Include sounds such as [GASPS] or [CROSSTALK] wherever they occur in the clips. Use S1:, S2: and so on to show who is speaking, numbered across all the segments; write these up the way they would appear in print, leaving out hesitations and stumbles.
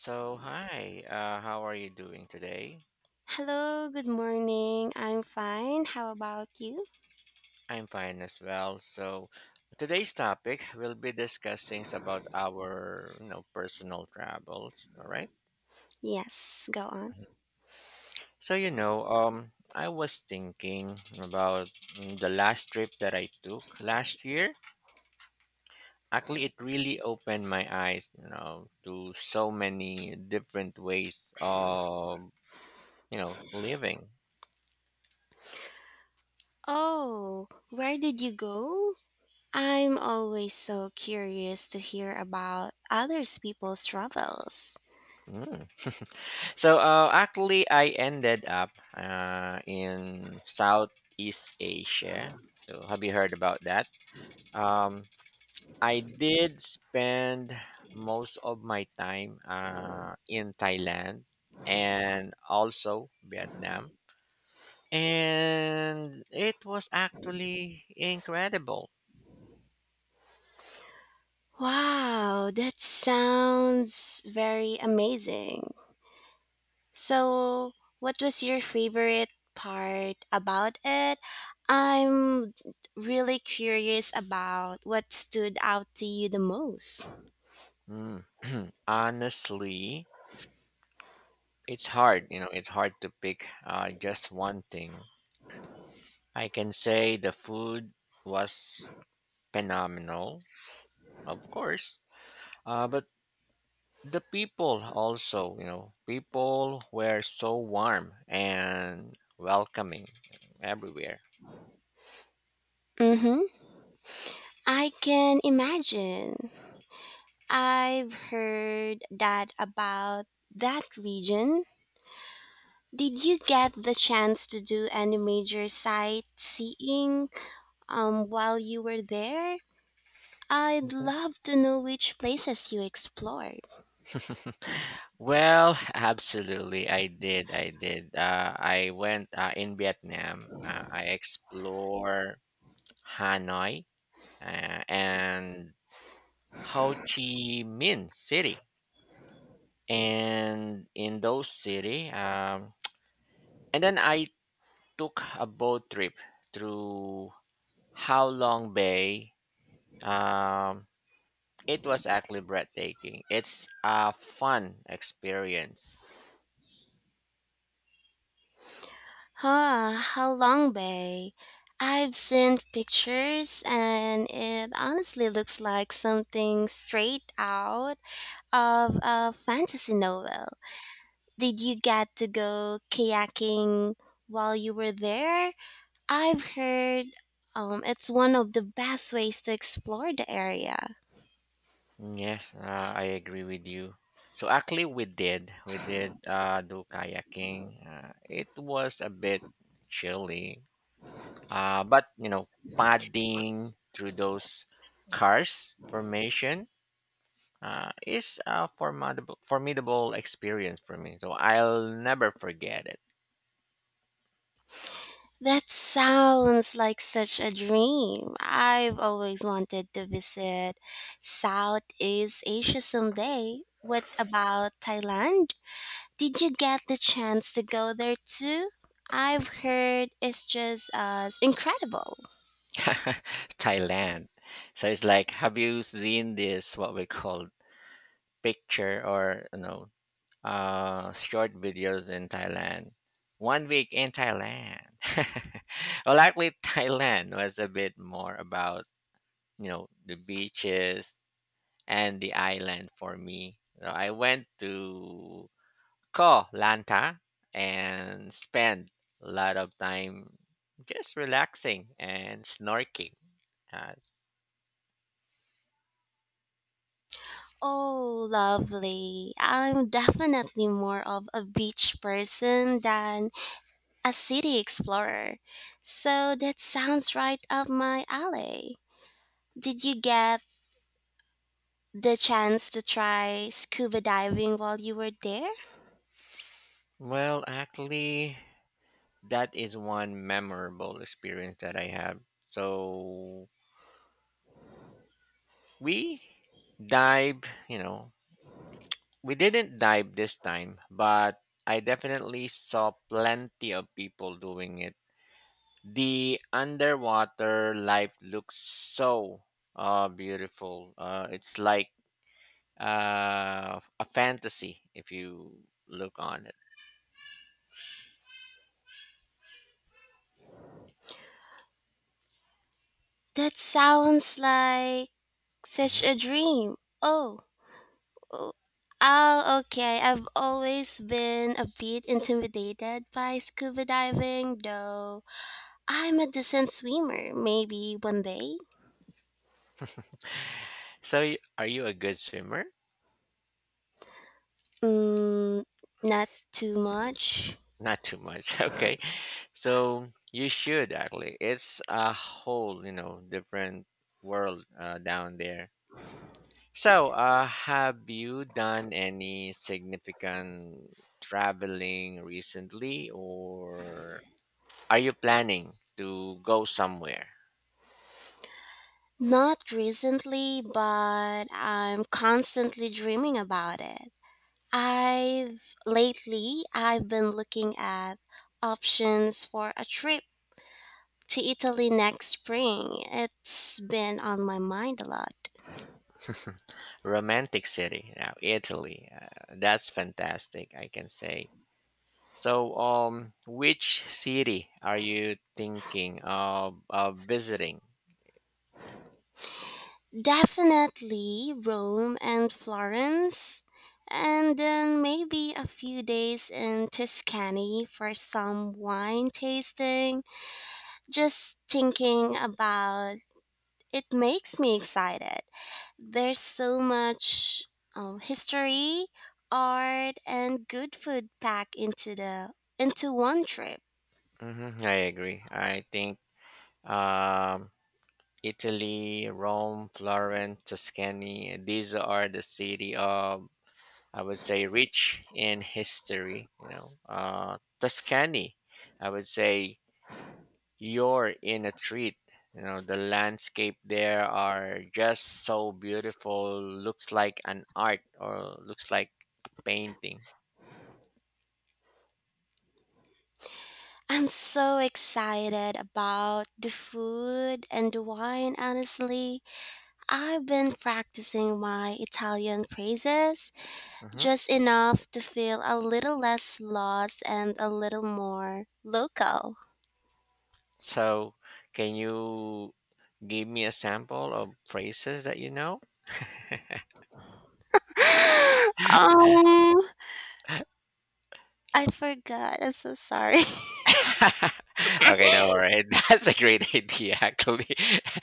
S1: So, hi, how are you doing today?
S2: Hello, good morning. I'm fine. How about you?
S1: I'm fine as well. So, today's topic we will be discussing is about our, you know, personal travels, all right?
S2: Yes, go on.
S1: I was thinking about the last trip that I took last year. Actually, it really opened my eyes, you know, to so many different ways of, you know, living.
S2: Oh, where did you go? I'm always so curious to hear about others people's travels.
S1: Mm. Actually, I ended up in Southeast Asia. So have you heard about that? Um, I did spend most of my time in Thailand and also Vietnam, and it was actually incredible.
S2: Wow, that sounds very amazing. So, what was your favorite part about it? I'm really curious about what stood out to you the most.
S1: Mm. Honestly, it's hard. You know, it's hard to pick just one thing. I can say the food was phenomenal, of course. But the people also, you know, people were so warm and welcoming everywhere.
S2: Mhm. I can imagine. I've heard that about that region. Did you get the chance to do any major sightseeing while you were there? I'd
S1: Mhm.
S2: love to know which places you explored.
S1: [LAUGHS] Well, absolutely, I did. I did. I went in Vietnam. I explore Hanoi and Ho Chi Minh City, and in those city, and then I took a boat trip through How Long Bay. Um, it was actually breathtaking. It's a fun experience.
S2: Huh, how long, Bay? I've seen pictures and it honestly looks like something straight out of a fantasy novel. Did you get to go kayaking while you were there? I've heard it's one of the best ways to explore the area.
S1: Yes, I agree with you. So actually, we did do kayaking. It was a bit chilly, but you know, paddling through those cars formation it's a formidable experience for me. So I'll never forget it.
S2: That sounds like such a dream. I've always wanted to visit Southeast Asia someday. What about Thailand? Did you get the chance to go there too? I've heard it's just as incredible.
S1: [LAUGHS] Thailand. So it's like, have you seen this, what we call picture or, you know, short videos in Thailand? 1 week in Thailand. [LAUGHS] Well, actually, Thailand was a bit more about, you know, the beaches and the island for me. So I went to Koh Lanta and spend a lot of time just relaxing and snorkeling. Uh,
S2: Oh, lovely. I'm definitely more of a beach person than a city explorer. So that sounds right up my alley. Did you get the chance to try scuba diving while you were there?
S1: well, actually, that is one memorable experience that I have. So we dive, you know, we didn't dive this time, but I definitely saw plenty of people doing it. The underwater life looks so beautiful. It's like a fantasy if you look on it.
S2: That sounds like such
S1: Mhm.
S2: a dream. Oh, oh, oh, okay. I've always been a bit intimidated by scuba diving, though. I'm a decent swimmer. Maybe one day.
S1: So, are you a good swimmer?
S2: Mm, not too much.
S1: Not too much. [LAUGHS] Okay. So, you should actually. It's a whole, you know, different world down there. So, have you done any significant traveling recently, or are you planning to go somewhere?
S2: Not recently, but I'm constantly dreaming about it. I've been looking at options for a trip to Italy next spring. It's been on my mind a lot.
S1: Romantic city, now Italy. That's fantastic, I can say. So, which city are you thinking of visiting?
S2: Definitely Rome and Florence, and then maybe a few days in Tuscany for some wine tasting, just thinking about it makes me excited. There's so much history, art, and good food packed into one trip.
S1: Hmm, I agree. I think um, Italy, Rome, Florence, Tuscany. These are the city of I would say rich in history. You know, Tuscany. I would say you're in a treat. You know, the landscape there are just so beautiful. Looks like an art or looks like a painting.
S2: I'm so excited about the food and the wine. Honestly, I've been practicing my Italian phrases
S1: Hmm.
S2: just enough to feel a little less lost and a little more local.
S1: So, can you give me a sample of phrases that you know?
S2: [GASPS] [LAUGHS] um, I forgot. I'm so sorry. [LAUGHS]
S1: [LAUGHS] Okay, no, all right. [LAUGHS] That's a great idea, actually.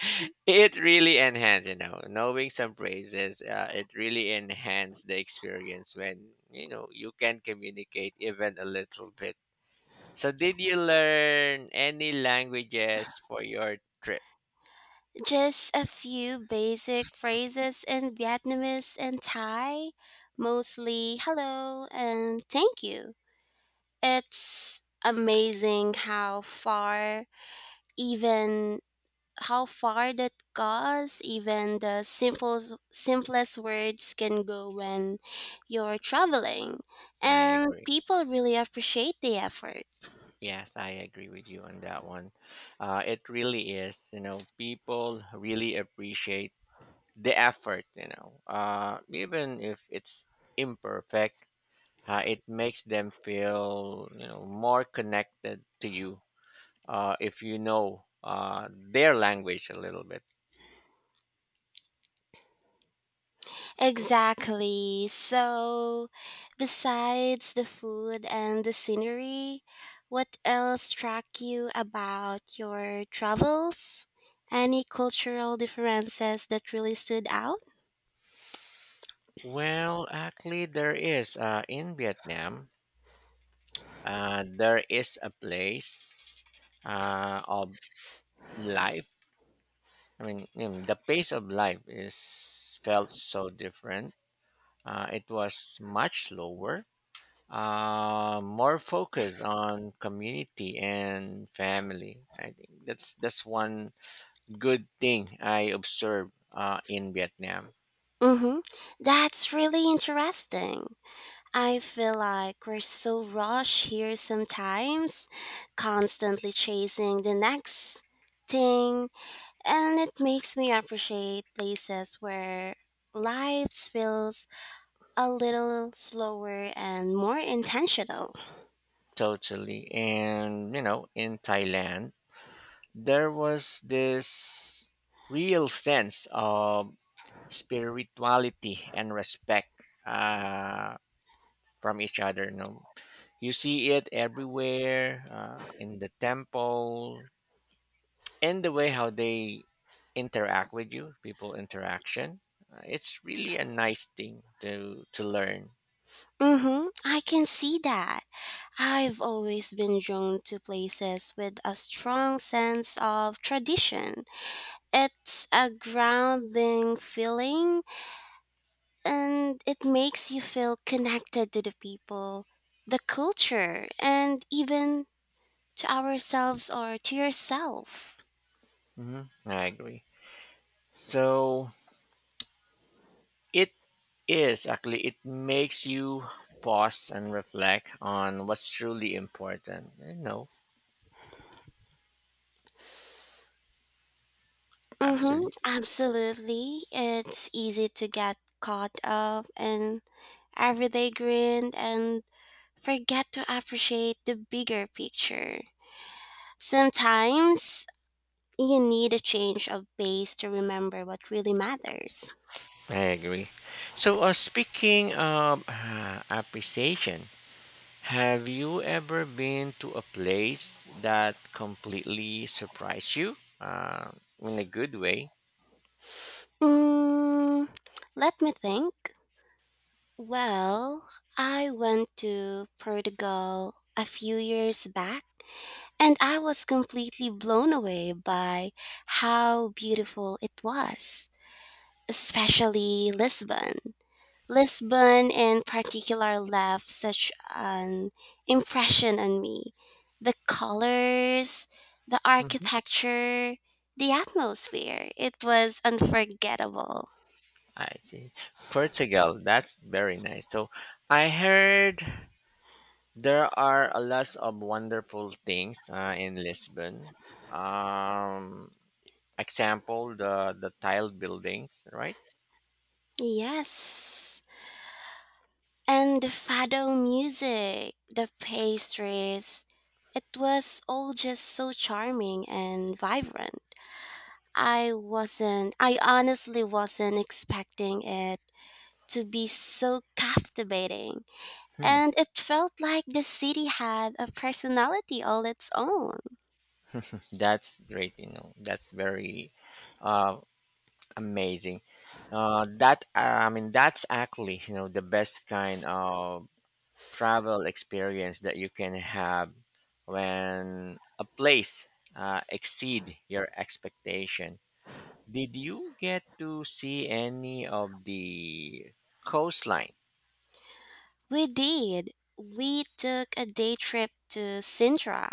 S1: [LAUGHS] It really enhances, you know, knowing some phrases, it really enhances the experience when, you know, you can communicate even a little bit. So, did you learn any languages for your trip?
S2: Just a few basic phrases in Vietnamese and Thai, mostly hello and thank you. It's amazing even how far that goes, even the simplest words can go when you're traveling,
S1: I
S2: and
S1: agree.
S2: people really appreciate the effort.
S1: Yes, I agree with you on that one. It really is, you know, people really appreciate the effort, you know, even if it's imperfect, it makes them feel, you know, more connected to you if you know their language a little bit.
S2: Exactly. So, besides the food and the scenery, what else struck you about your travels? Any cultural differences that really stood out?
S1: Well, actually, there is in Vietnam, there is a place of life I mean, you know, the pace of life is felt so different. It was much slower, more focused on community and family. I think that's one good thing I observed in Vietnam.
S2: Mm-hmm. That's really interesting. I feel like we're so rushed here sometimes, constantly chasing the next thing, and it makes me appreciate places where life feels a little slower and more intentional.
S1: Totally, and you know, in Thailand, there was this real sense of spirituality and respect uh, from each other. You know, you see it everywhere in the temple, in the way how they interact with you, people interaction. It's really a nice thing to learn.
S2: Mhm. I can see that. I've always been drawn to places with a strong sense of tradition. It's a grounding feeling, and it makes you feel connected to the people, the culture, and even to ourselves or to yourself.
S1: Hmm, I agree. So it is actually it makes you pause and reflect on what's truly important. No,
S2: Mhm.
S1: absolutely,
S2: Absolutely. It's easy to get caught up in everyday grind and forget to appreciate the bigger picture. Sometimes you need a change of pace to remember what really matters.
S1: I agree. So speaking of appreciation, have you ever been to a place that completely surprised you? In a good way.
S2: Mm, let me think. Well, I went to Portugal a few years back and I was completely blown away by how beautiful it was, especially Lisbon. Lisbon, in particular, left such an impression on me. The colors, the
S1: Hmm,
S2: architecture, the atmosphere. It was unforgettable.
S1: I see. Portugal, that's very nice. So I heard there are a lot of wonderful things in Lisbon. Um, example, the tiled buildings, right?
S2: Yes. And the fado music, the pastries. It was all just so charming and vibrant. I honestly wasn't expecting it to be so captivating.
S1: Hmm.
S2: And it felt like the city had a personality all its own.
S1: That's great, you know. That's very uh, amazing. That I mean, that's actually you know the best kind of travel experience that you can have when a place exceed your expectation. Did you get to see any of the coastline?
S2: We did. We took a day trip to Sintra,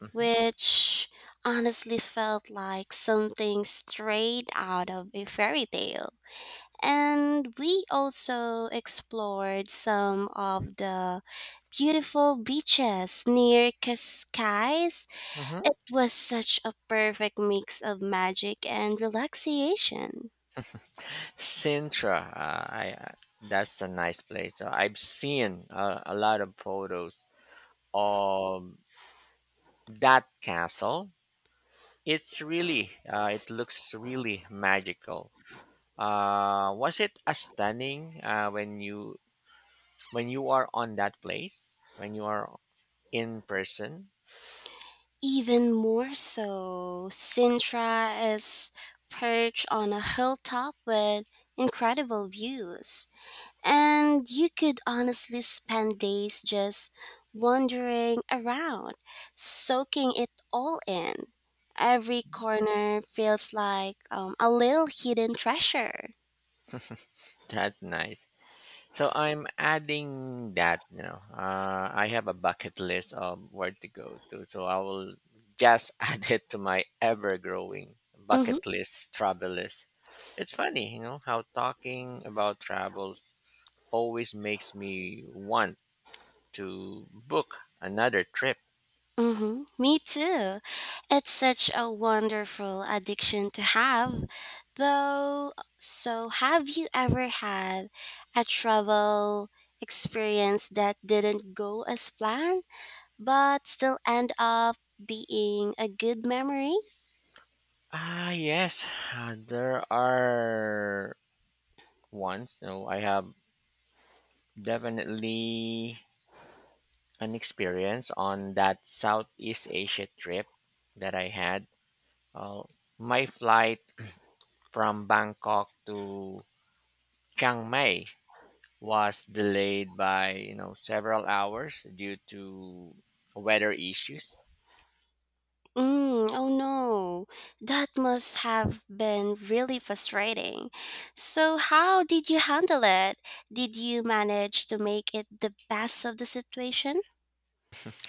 S1: Hmm.
S2: which honestly felt like something straight out of a fairy tale. And we also explored some of the beautiful beaches near Cascais.
S1: Hmm.
S2: It was such a perfect mix of magic and relaxation.
S1: Sintra, that's a nice place. I've seen a lot of photos of that castle. It's really, it looks really magical. Was it as stunning when you are on that place when you are in person?
S2: Even more so, Sintra is perched on a hilltop with incredible views, and you could honestly spend days just wandering around, soaking it all in. Every corner feels like a little hidden treasure.
S1: That's nice. So I'm adding that. You know, I have a bucket list of where to go to, so I will just [LAUGHS] add it to my ever growing
S2: Mm-hmm.
S1: bucket list travel list. It's funny, you know, how talking about travels always makes me want to book another trip.
S2: Mm-hmm. Me too. It's such a wonderful addiction to have. Though, so have you ever had a travel experience that didn't go as planned, but still end up being a good memory?
S1: Ah, yes, there are ones. No, I have definitely an experience on that Southeast Asia trip that I had. Uh, my flight from Bangkok to Chiang Mai was delayed by you know several hours due to weather issues.
S2: Mm, oh no, that must have been really frustrating. So, how did you handle it? Did you manage to make it the best of the situation?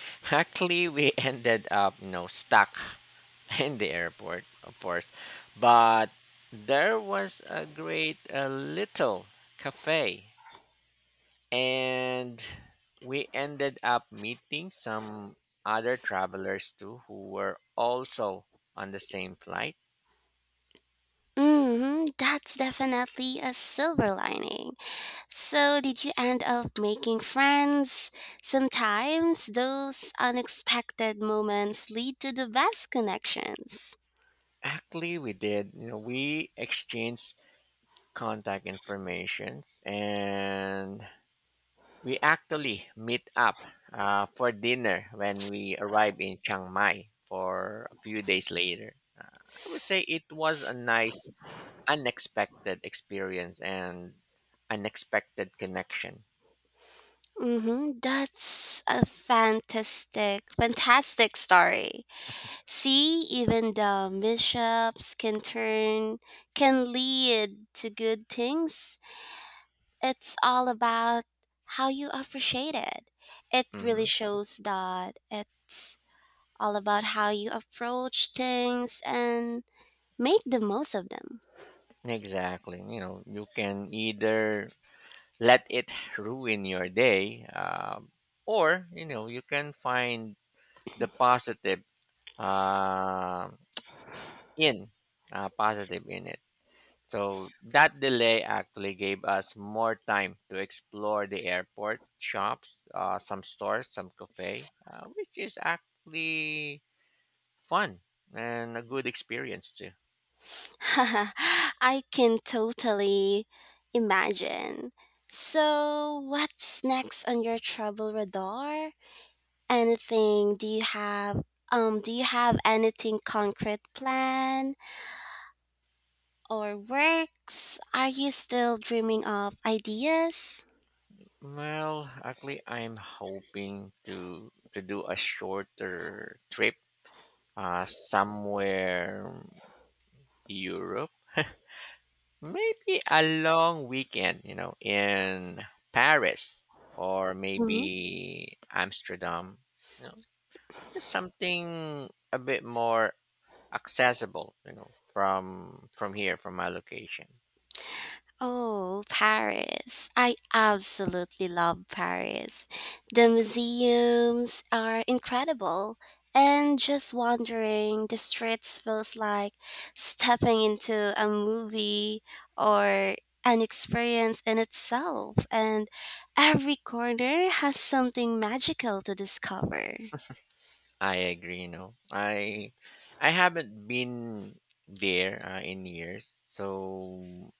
S1: [LAUGHS] Luckily, we ended up you know stuck [LAUGHS] in the airport, of course. But there was a great little cafe, and we ended up meeting some other travelers too who were also on the same flight.
S2: Hmm, that's definitely a silver lining. So, did you end up making friends? Sometimes those unexpected moments lead to the best connections.
S1: Actually, we did. You know, we exchanged contact information, and we actually meet up for dinner when we arrive in Chiang Mai for a few days later. I would say it was a nice, unexpected experience and unexpected connection.
S2: Mm-hmm. That's a fantastic, fantastic story. See, even the mishaps can lead to good things. It's all about how you appreciate it. It really
S1: Hmm.
S2: shows that it's all about how you approach things and make the most of them.
S1: Exactly. You know, you can either let it ruin your day, or you know, you can find the positive uh, in positive in it. So that delay actually gave us more time to explore the airport, shops, some stores, some cafe, which is actually fun and a good experience too.
S2: [LAUGHS] I can totally imagine. So, what's next on your travel radar? Anything do you have anything concrete planned or works? Are you still dreaming of ideas?
S1: Well, actually, I'm hoping to do a shorter trip, somewhere Europe, maybe a long weekend, you know, in Paris or maybe Amsterdam, you know, just something a bit more accessible, you know, from here, from my location.
S2: Oh, Paris. I absolutely love Paris. The museums are incredible, and just wandering the streets feels like stepping into a movie or an experience in itself, and every corner has something magical to discover.
S1: I agree. You know, I haven't been there in years, so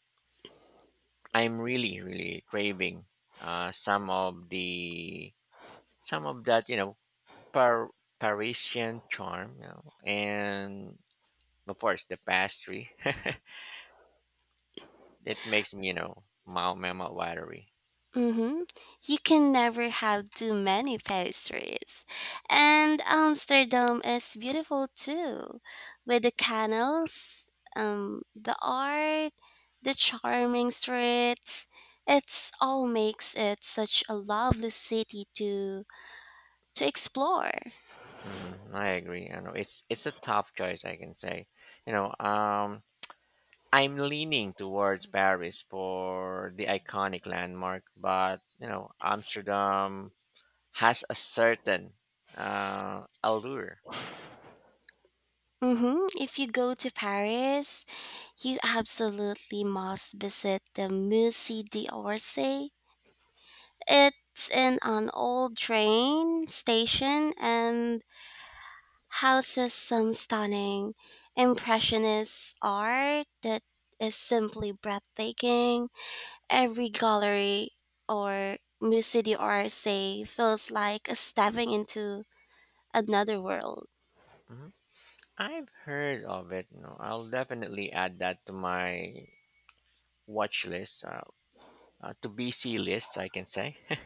S1: I'm really craving uh, some of the some of that you know par- Parisian charm, you know, and of course the pastry. [LAUGHS] It makes me you know mouth watery.
S2: Mm-hmm. You can never have too many pastries. And Amsterdam is beautiful too, with the canals, the art, the charming streets. It's all makes it such a lovely city to explore.
S1: Mm, I agree. I know it's a tough choice. I can say, you know. I'm leaning towards Paris for the iconic landmark, but you know, Amsterdam has a certain allure.
S2: Mm-hmm. If you go to Paris, you absolutely must visit the Musée d'Orsay. It's in an old train station and houses some stunning impressionist art that is simply breathtaking. Every gallery or musée d'art feels like a stepping into another world.
S1: Mhm. I've heard of it. You know, I'll definitely add that to my watch list, to BC list, I can say. [LAUGHS]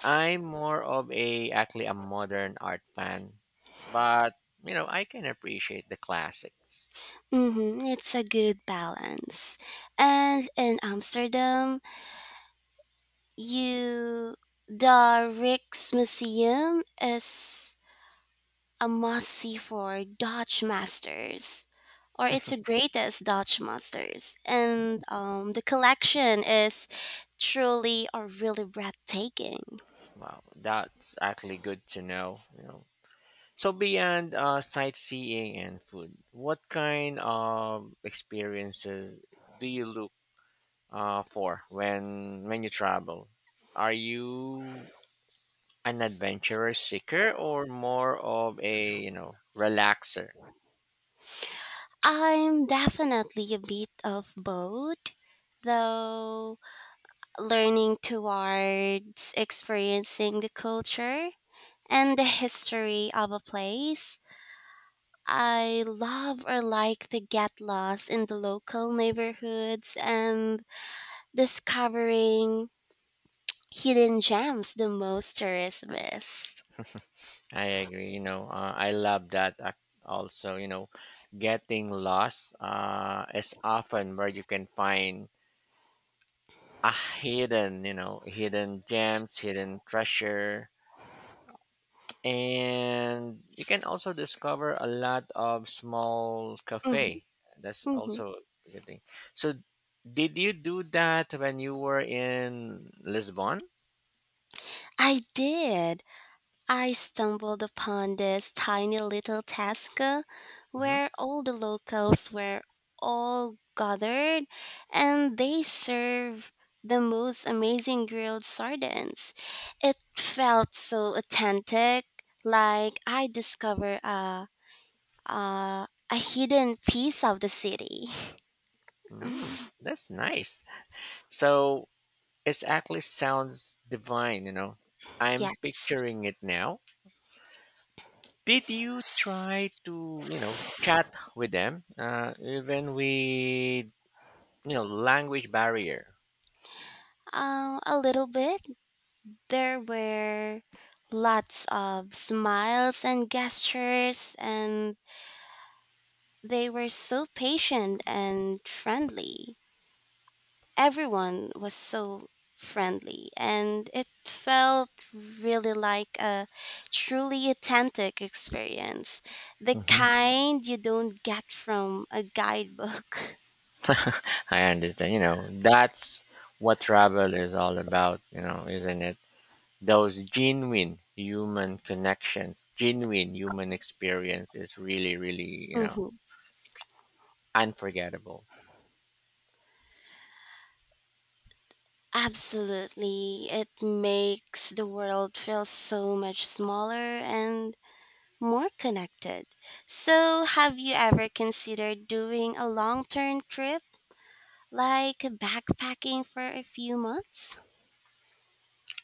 S1: I'm more of a actually a modern art fan, but you know, I can appreciate the classics.
S2: Mm-hmm, it's a good balance. And in Amsterdam, you the Rijksmuseum is a must see for Dutch masters, or it's the greatest Dutch masters. And the collection is truly or really breathtaking.
S1: Wow, that's actually good to know. You know, so beyond sightseeing and food, what kind of experiences do you look for when you travel? Are you an adventurer seeker or more of a you know relaxer?
S2: I'm definitely a bit of both, though learning towards experiencing the culture and the history of a place. I love or like to get lost in the local neighborhoods and discovering hidden gems, the most tourists.
S1: I agree. You know, I love that. Also, you know, getting lost is often where you can find a hidden, you know, hidden gems, hidden treasure, and you can also discover a lot of small
S2: Mhm,
S1: cafe. That's
S2: mhm.
S1: also a good thing. So did you do that when you were in Lisbon?
S2: I did. I stumbled upon this tiny little Tasca
S1: Hmm.
S2: where all the locals were all gathered and they serve the most amazing grilled sardines. It felt so authentic, like I discovered a hidden piece of the city. [LAUGHS]
S1: Mm, that's nice. So it's actually sounds divine, you know. I'm
S2: Yes,
S1: picturing it now. Did you try to you know chat with them even with you know language barrier?
S2: a little bit. There were lots of smiles and gestures, and they were so patient and friendly. Everyone was so friendly, and it felt really like a truly authentic experience, the
S1: Mhm.
S2: kind you don't get from a guidebook. [LAUGHS]
S1: I understand. You know, that's what travel is all about, you know, isn't it? Those genuine human connections, genuine human experience is really, really, you know,
S2: Mhm.
S1: unforgettable.
S2: Absolutely. It makes the world feel so much smaller and more connected. So, have you ever considered doing a long term trip like backpacking for a few months?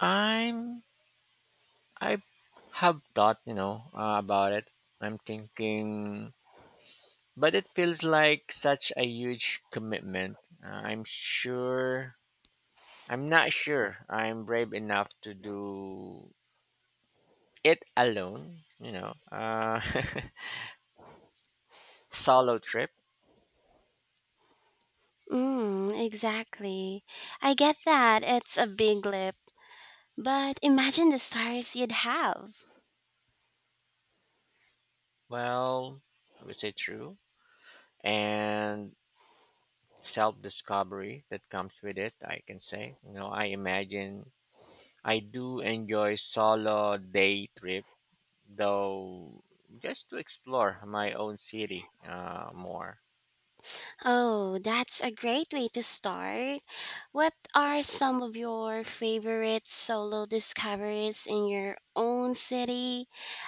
S1: I'm, I have thought, you know, about it. I'm thinking, but it feels like such a huge commitment. I'm not sure I'm brave enough to do it alone, you know. [LAUGHS] Solo trip,
S2: Mm, exactly. I get that it's a big leap, but imagine the stories you'd have.
S1: well, I would say true. And self discovery that comes with it, I can say. You know, I imagine I do enjoy solo day trip, though, just to explore my own city more.
S2: Oh, that's a great way to start. What are some of your favorite solo discoveries in your own city?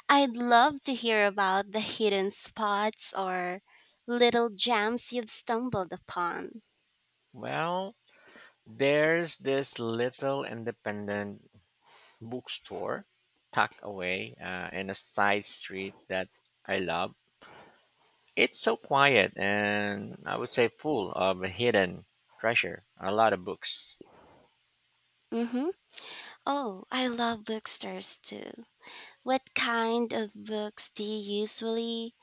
S2: I'd love to hear about the hidden spots or little gems you've stumbled upon.
S1: Well, there's this little independent bookstore tucked away in a side street that I love. It's so quiet and I would say full of hidden treasure. A lot of books.
S2: Mm-hmm. Oh, I love bookstores too. What kind of books do you usually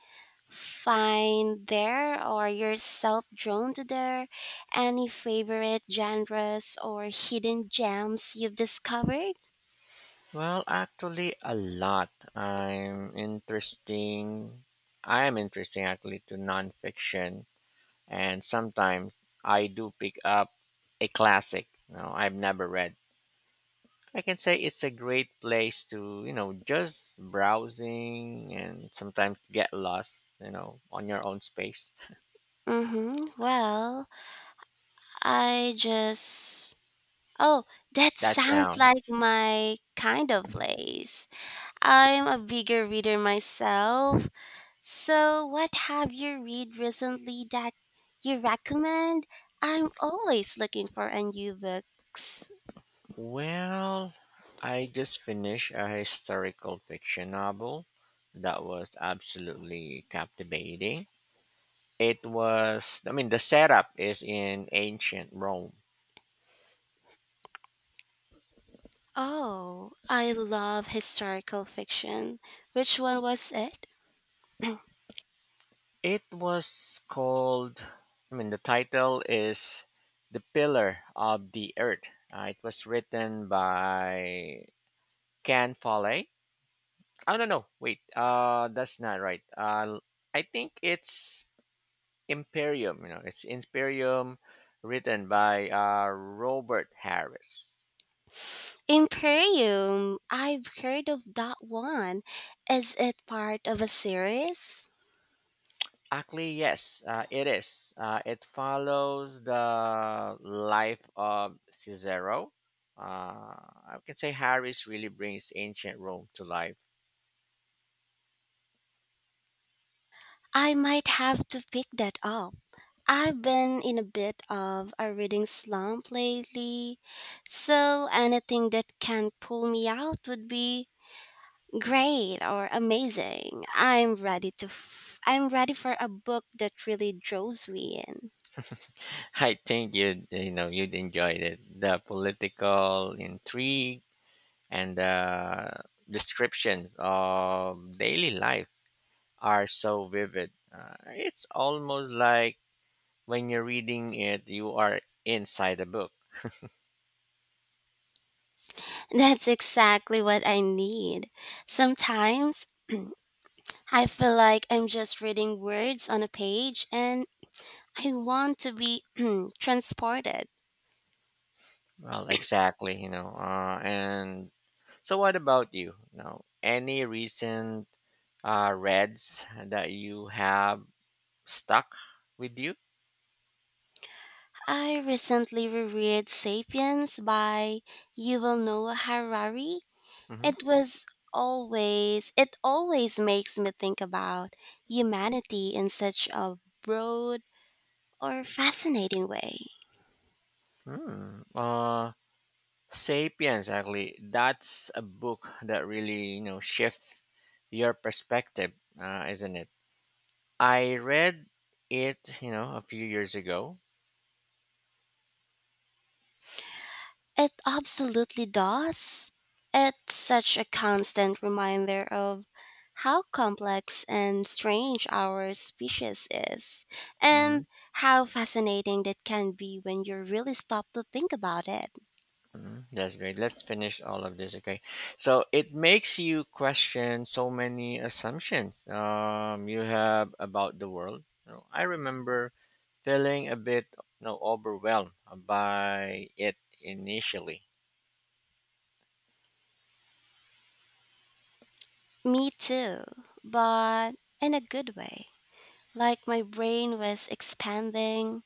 S2: find there or yourself drawn to there? Any favorite genres or hidden gems you've discovered?
S1: Well, actually, a lot. I'm interesting. I am interesting actually to nonfiction, and sometimes I do pick up a classic. No, I've never read. I can say it's a great place to you know just browsing and sometimes get lost. You know, on your own space.
S2: Mm-hmm. Well, I just. Oh, that
S1: That
S2: sounds
S1: sound.
S2: like my kind of place. I'm a bigger reader myself. So, what have you read recently that you recommend? I'm always looking for a new books.
S1: Well, I just finished a historical fiction novel that was absolutely captivating. It was, I mean, the setup is in ancient Rome.
S2: Oh, I love historical fiction. Which one was it?
S1: It was called, I mean, the title is The Pillar of the Earth. It was written by Can Follett. Oh, no, no, wait, that's not right. I think it's Imperium, you know, it's Imperium, written by Robert Harris.
S2: Imperium. I've heard of that one. Is it part of a series?
S1: Actually, yes, it is. It follows the life of Cicero. Uh, I can say Harris really brings ancient Rome to life.
S2: I might have to pick that up. I've been in a bit of a reading slump lately, so anything that can pull me out would be great or amazing. I'm ready for a book that really draws me in.
S1: [LAUGHS] I think you'd you know you'd enjoy it. The political intrigue and the descriptions of daily life are so vivid. It's almost like when you're reading it, you are inside the book.
S2: That's exactly what I need. Sometimes I feel like I'm just reading words on a page and I want to be [CLEARS THROAT] transported.
S1: Well, exactly, you know. And so, what about you? Now, any recent reads that you have stuck with you?
S2: I recently reread Sapiens by Yuval Noah Harari.
S1: Mm-hmm.
S2: It was it always makes me think about humanity in such a broad or fascinating way.
S1: Mm. Uh, Sapiens, actually, that's a book that really, you know, shift your perspective, isn't it? I read it, you know, a few years ago.
S2: It absolutely does. It's such a constant reminder of how complex and strange our species is, and how fascinating that can be when you really stop to think about it.
S1: Mm, that's great. Let's finish all of this, okay? So it makes you question so many assumptions you have about the world. You know, I remember feeling a bit, you know, overwhelmed by it initially.
S2: Me too, but in a good way. Like my brain was expanding.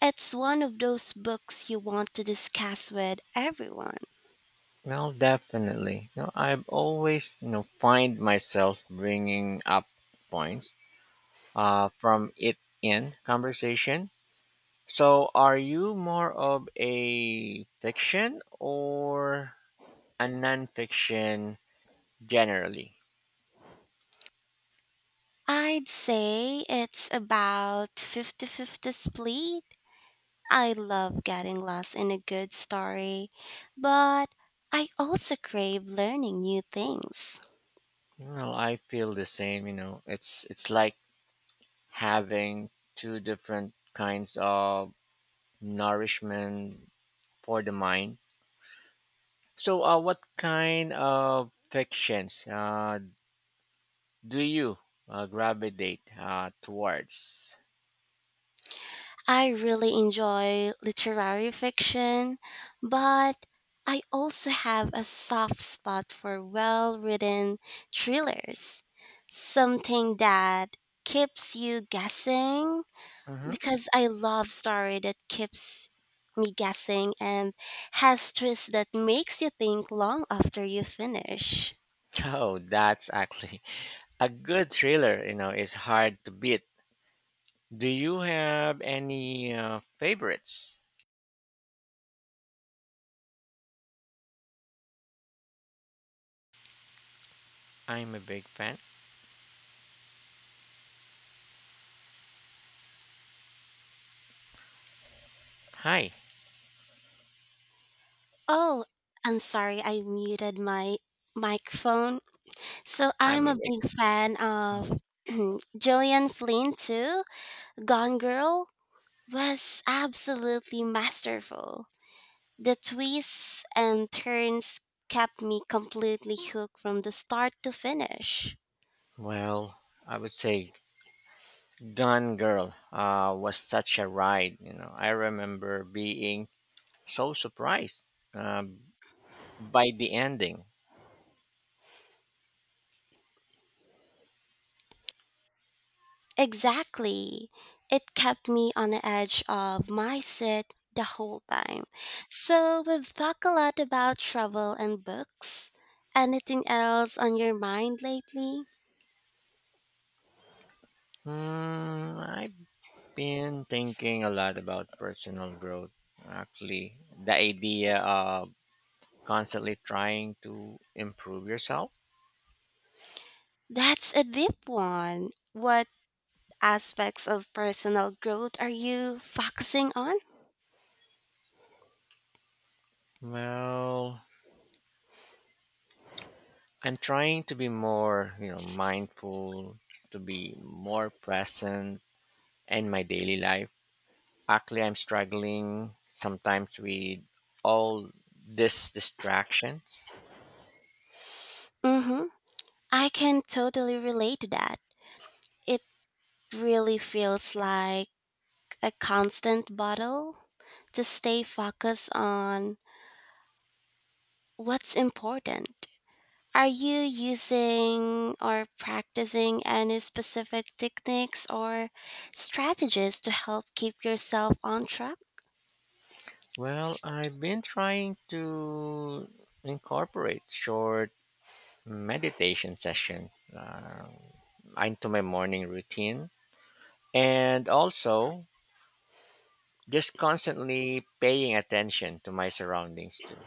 S2: It's one of those books you want to discuss with everyone.
S1: Well, definitely. No, I've always, you know, find myself bringing up points from it in conversation. So, are you more of a fiction or and nonfiction generally?
S2: I'd say it's about 50-50 split. I love getting lost in a good story, but I also crave learning new things.
S1: Well, I feel the same. You know, it's like having two different kinds of nourishment for the mind. So, what kind of fictions do you gravitate towards?
S2: I really enjoy literary fiction, but I also have a soft spot for well written thrillers. Something that keeps you guessing,
S1: Hmm. [LAUGHS]
S2: because I love story that keeps me guessing and has twists that makes you think long after you finish.
S1: Oh, that's actually [LAUGHS] a good thriller. You know, is hard to beat. Do you have any favorites? I'm a big fan. Hi,
S2: Oh, I'm sorry. I muted my microphone. So
S1: I'm
S2: I'm a
S1: a
S2: big fan
S1: big.
S2: of [CLEARS THROAT] Gillian Flynn too. Gone Girl was absolutely masterful. The twists and turns kept me completely hooked from the start to finish.
S1: Well, I would say Gone Girl was such a ride. You know, I remember being so surprised uh, by the ending.
S2: Exactly. It kept me on the edge of my seat the whole time. So we've talked a lot about travel and books. Anything else on your mind lately?
S1: Hmm, I've been thinking a lot about personal growth. Actually, the idea of constantly trying to improve yourself.
S2: That's a deep one. What aspects of personal growth are you focusing on?
S1: Well, I'm trying to be more, you know, mindful, to be more present in my daily life. Actually, I'm struggling sometimes with all these distractions.
S2: Mm-hmm. I can totally relate to that. It really feels like a constant battle to stay focused on what's important. Are you using or practicing any specific techniques or strategies to help keep yourself on track?
S1: Well, I've been trying to incorporate short meditation session uh, into my morning routine, and also just constantly paying attention to my surroundings too.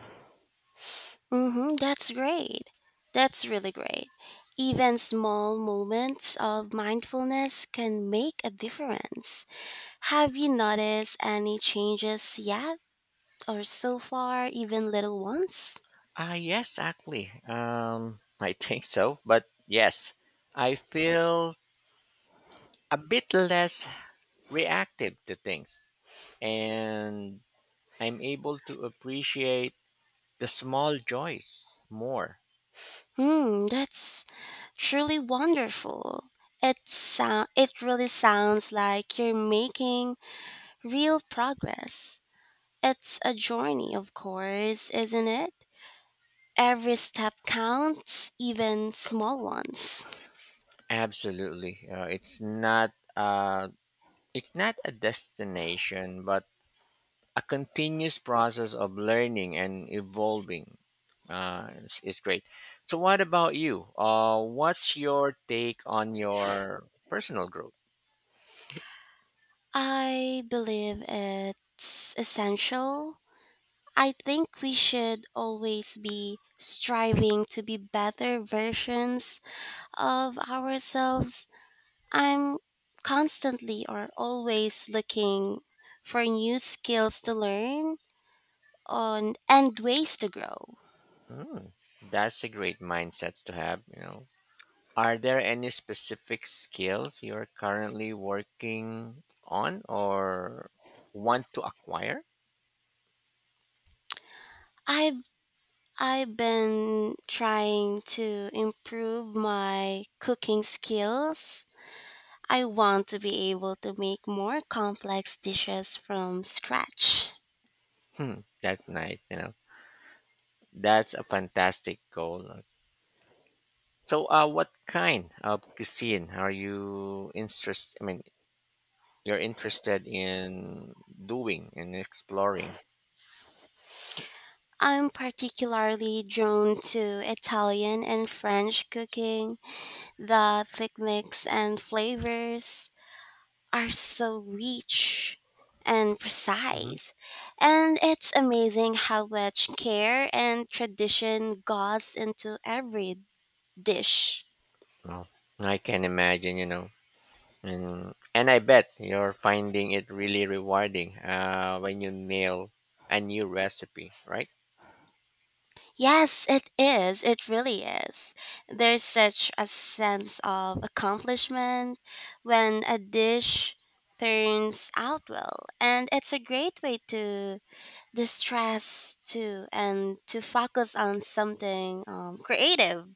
S2: Mm-hmm, that's great. That's really great. Even small moments of mindfulness can make a difference. Have you noticed any changes yet, or so far, even little ones?
S1: Ah, yes, actually, [LAUGHS] I think so. But yes, I feel a bit less reactive to things and I'm able to appreciate the small joys more.
S2: Hmm, that's truly wonderful. It really sounds like you're making real progress. It's a journey, of course, isn't it? Every step counts, even small ones.
S1: Absolutely. It's not, it's not a destination but a continuous process of learning and evolving. Is great. So what about you? What's your take on your personal growth?
S2: I believe it's essential. I think we should always be striving to be better versions of ourselves. I'm constantly or always looking for new skills to learn on and ways to grow.
S1: Mm, that's a great mindset to have, you know. Are there any specific skills you're currently working on or want to acquire?
S2: I've I've been trying to improve my cooking skills. I want to be able to make more complex dishes from scratch.
S1: Hmm, that's nice, you know. That's a fantastic goal. So, what kind of cuisine are you interested? I mean, you're interested in doing and exploring.
S2: I'm particularly drawn to Italian and French cooking, the thick mix and flavors are so rich and
S1: Hmm.
S2: precise. And it's amazing how much care and tradition goes into every dish.
S1: Well, I can imagine, you know, and I bet you're finding it really rewarding when you nail a new recipe, right?
S2: Yes, it is. It really is. There's such a sense of accomplishment when a dish turns out well. And it's a great way to distress too and to focus on something creative.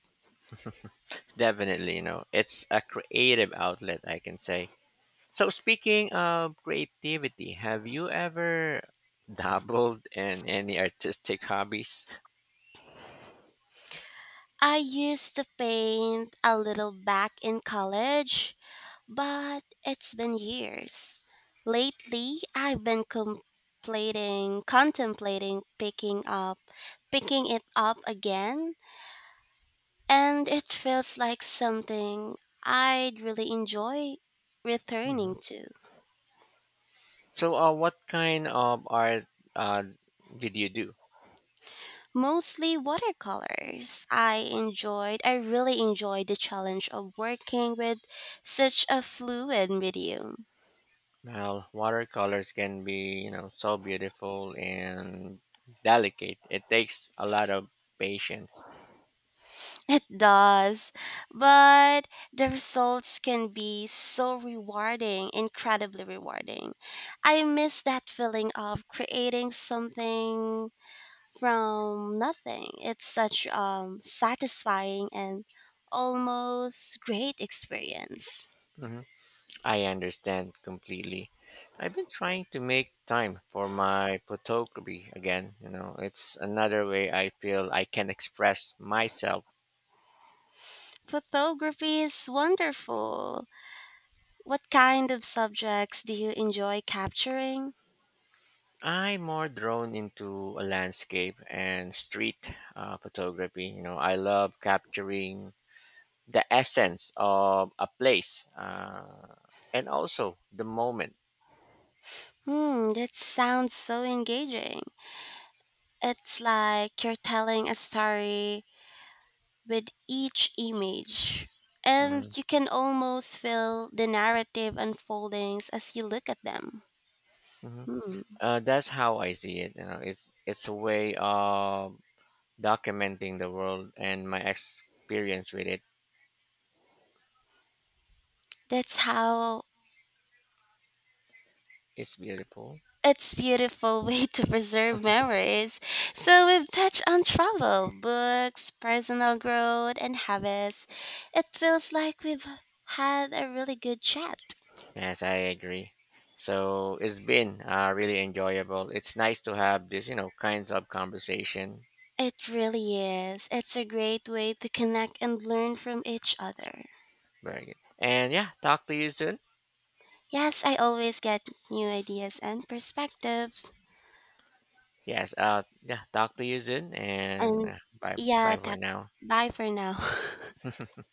S1: Definitely, you know, it's a creative outlet, I can say. So, speaking of creativity, have you ever dabbled in any artistic hobbies?
S2: I used to paint a little back in college, but it's been years. Lately, I've been contemplating picking it up again, and it feels like something I'd really enjoy
S1: Mhm.
S2: returning to.
S1: So, what kind of art uh, did you do?
S2: Mostly watercolors. I really enjoyed the challenge of working with such a fluid medium.
S1: Well, watercolors can be, you know, so beautiful and delicate. It takes a lot of patience.
S2: It does, but the results can be so rewarding, incredibly rewarding. I miss that feeling of creating something from nothing. It's such satisfying and almost great experience.
S1: I understand completely. I've been trying to make time for my photography again. You know, it's another way I feel I can express myself.
S2: Photography is wonderful. What kind of subjects do you enjoy capturing?
S1: I'm more drawn into a landscape and street photography. You know, I love capturing the essence of a place and also the moment.
S2: Hmm, that sounds so engaging. It's like you're telling a story with each image,
S1: Hmm.
S2: and you can almost feel the narrative unfoldings as you look at them.
S1: Hmm.
S2: Hmm.
S1: That's how I see it. You know, it's a way of documenting the world and my experience with it
S2: That's how
S1: is beautiful.
S2: it's beautiful [LAUGHS] way to preserve memories. So we've touched on travel, books, personal growth, and habits. It feels like we've had a really good chat.
S1: Yes, I agree. So it's been really enjoyable. It's nice to have this, you know, kinds of conversation.
S2: It really is. It's a great way to connect and learn from each other.
S1: Very good. And yeah, talk to you soon.
S2: Yes, I always get new ideas and perspectives.
S1: Yes, yeah, talk to you soon. And
S2: And
S1: bye,
S2: yeah,
S1: bye for
S2: that's
S1: now.
S2: bye for now. [LAUGHS]
S1: [LAUGHS]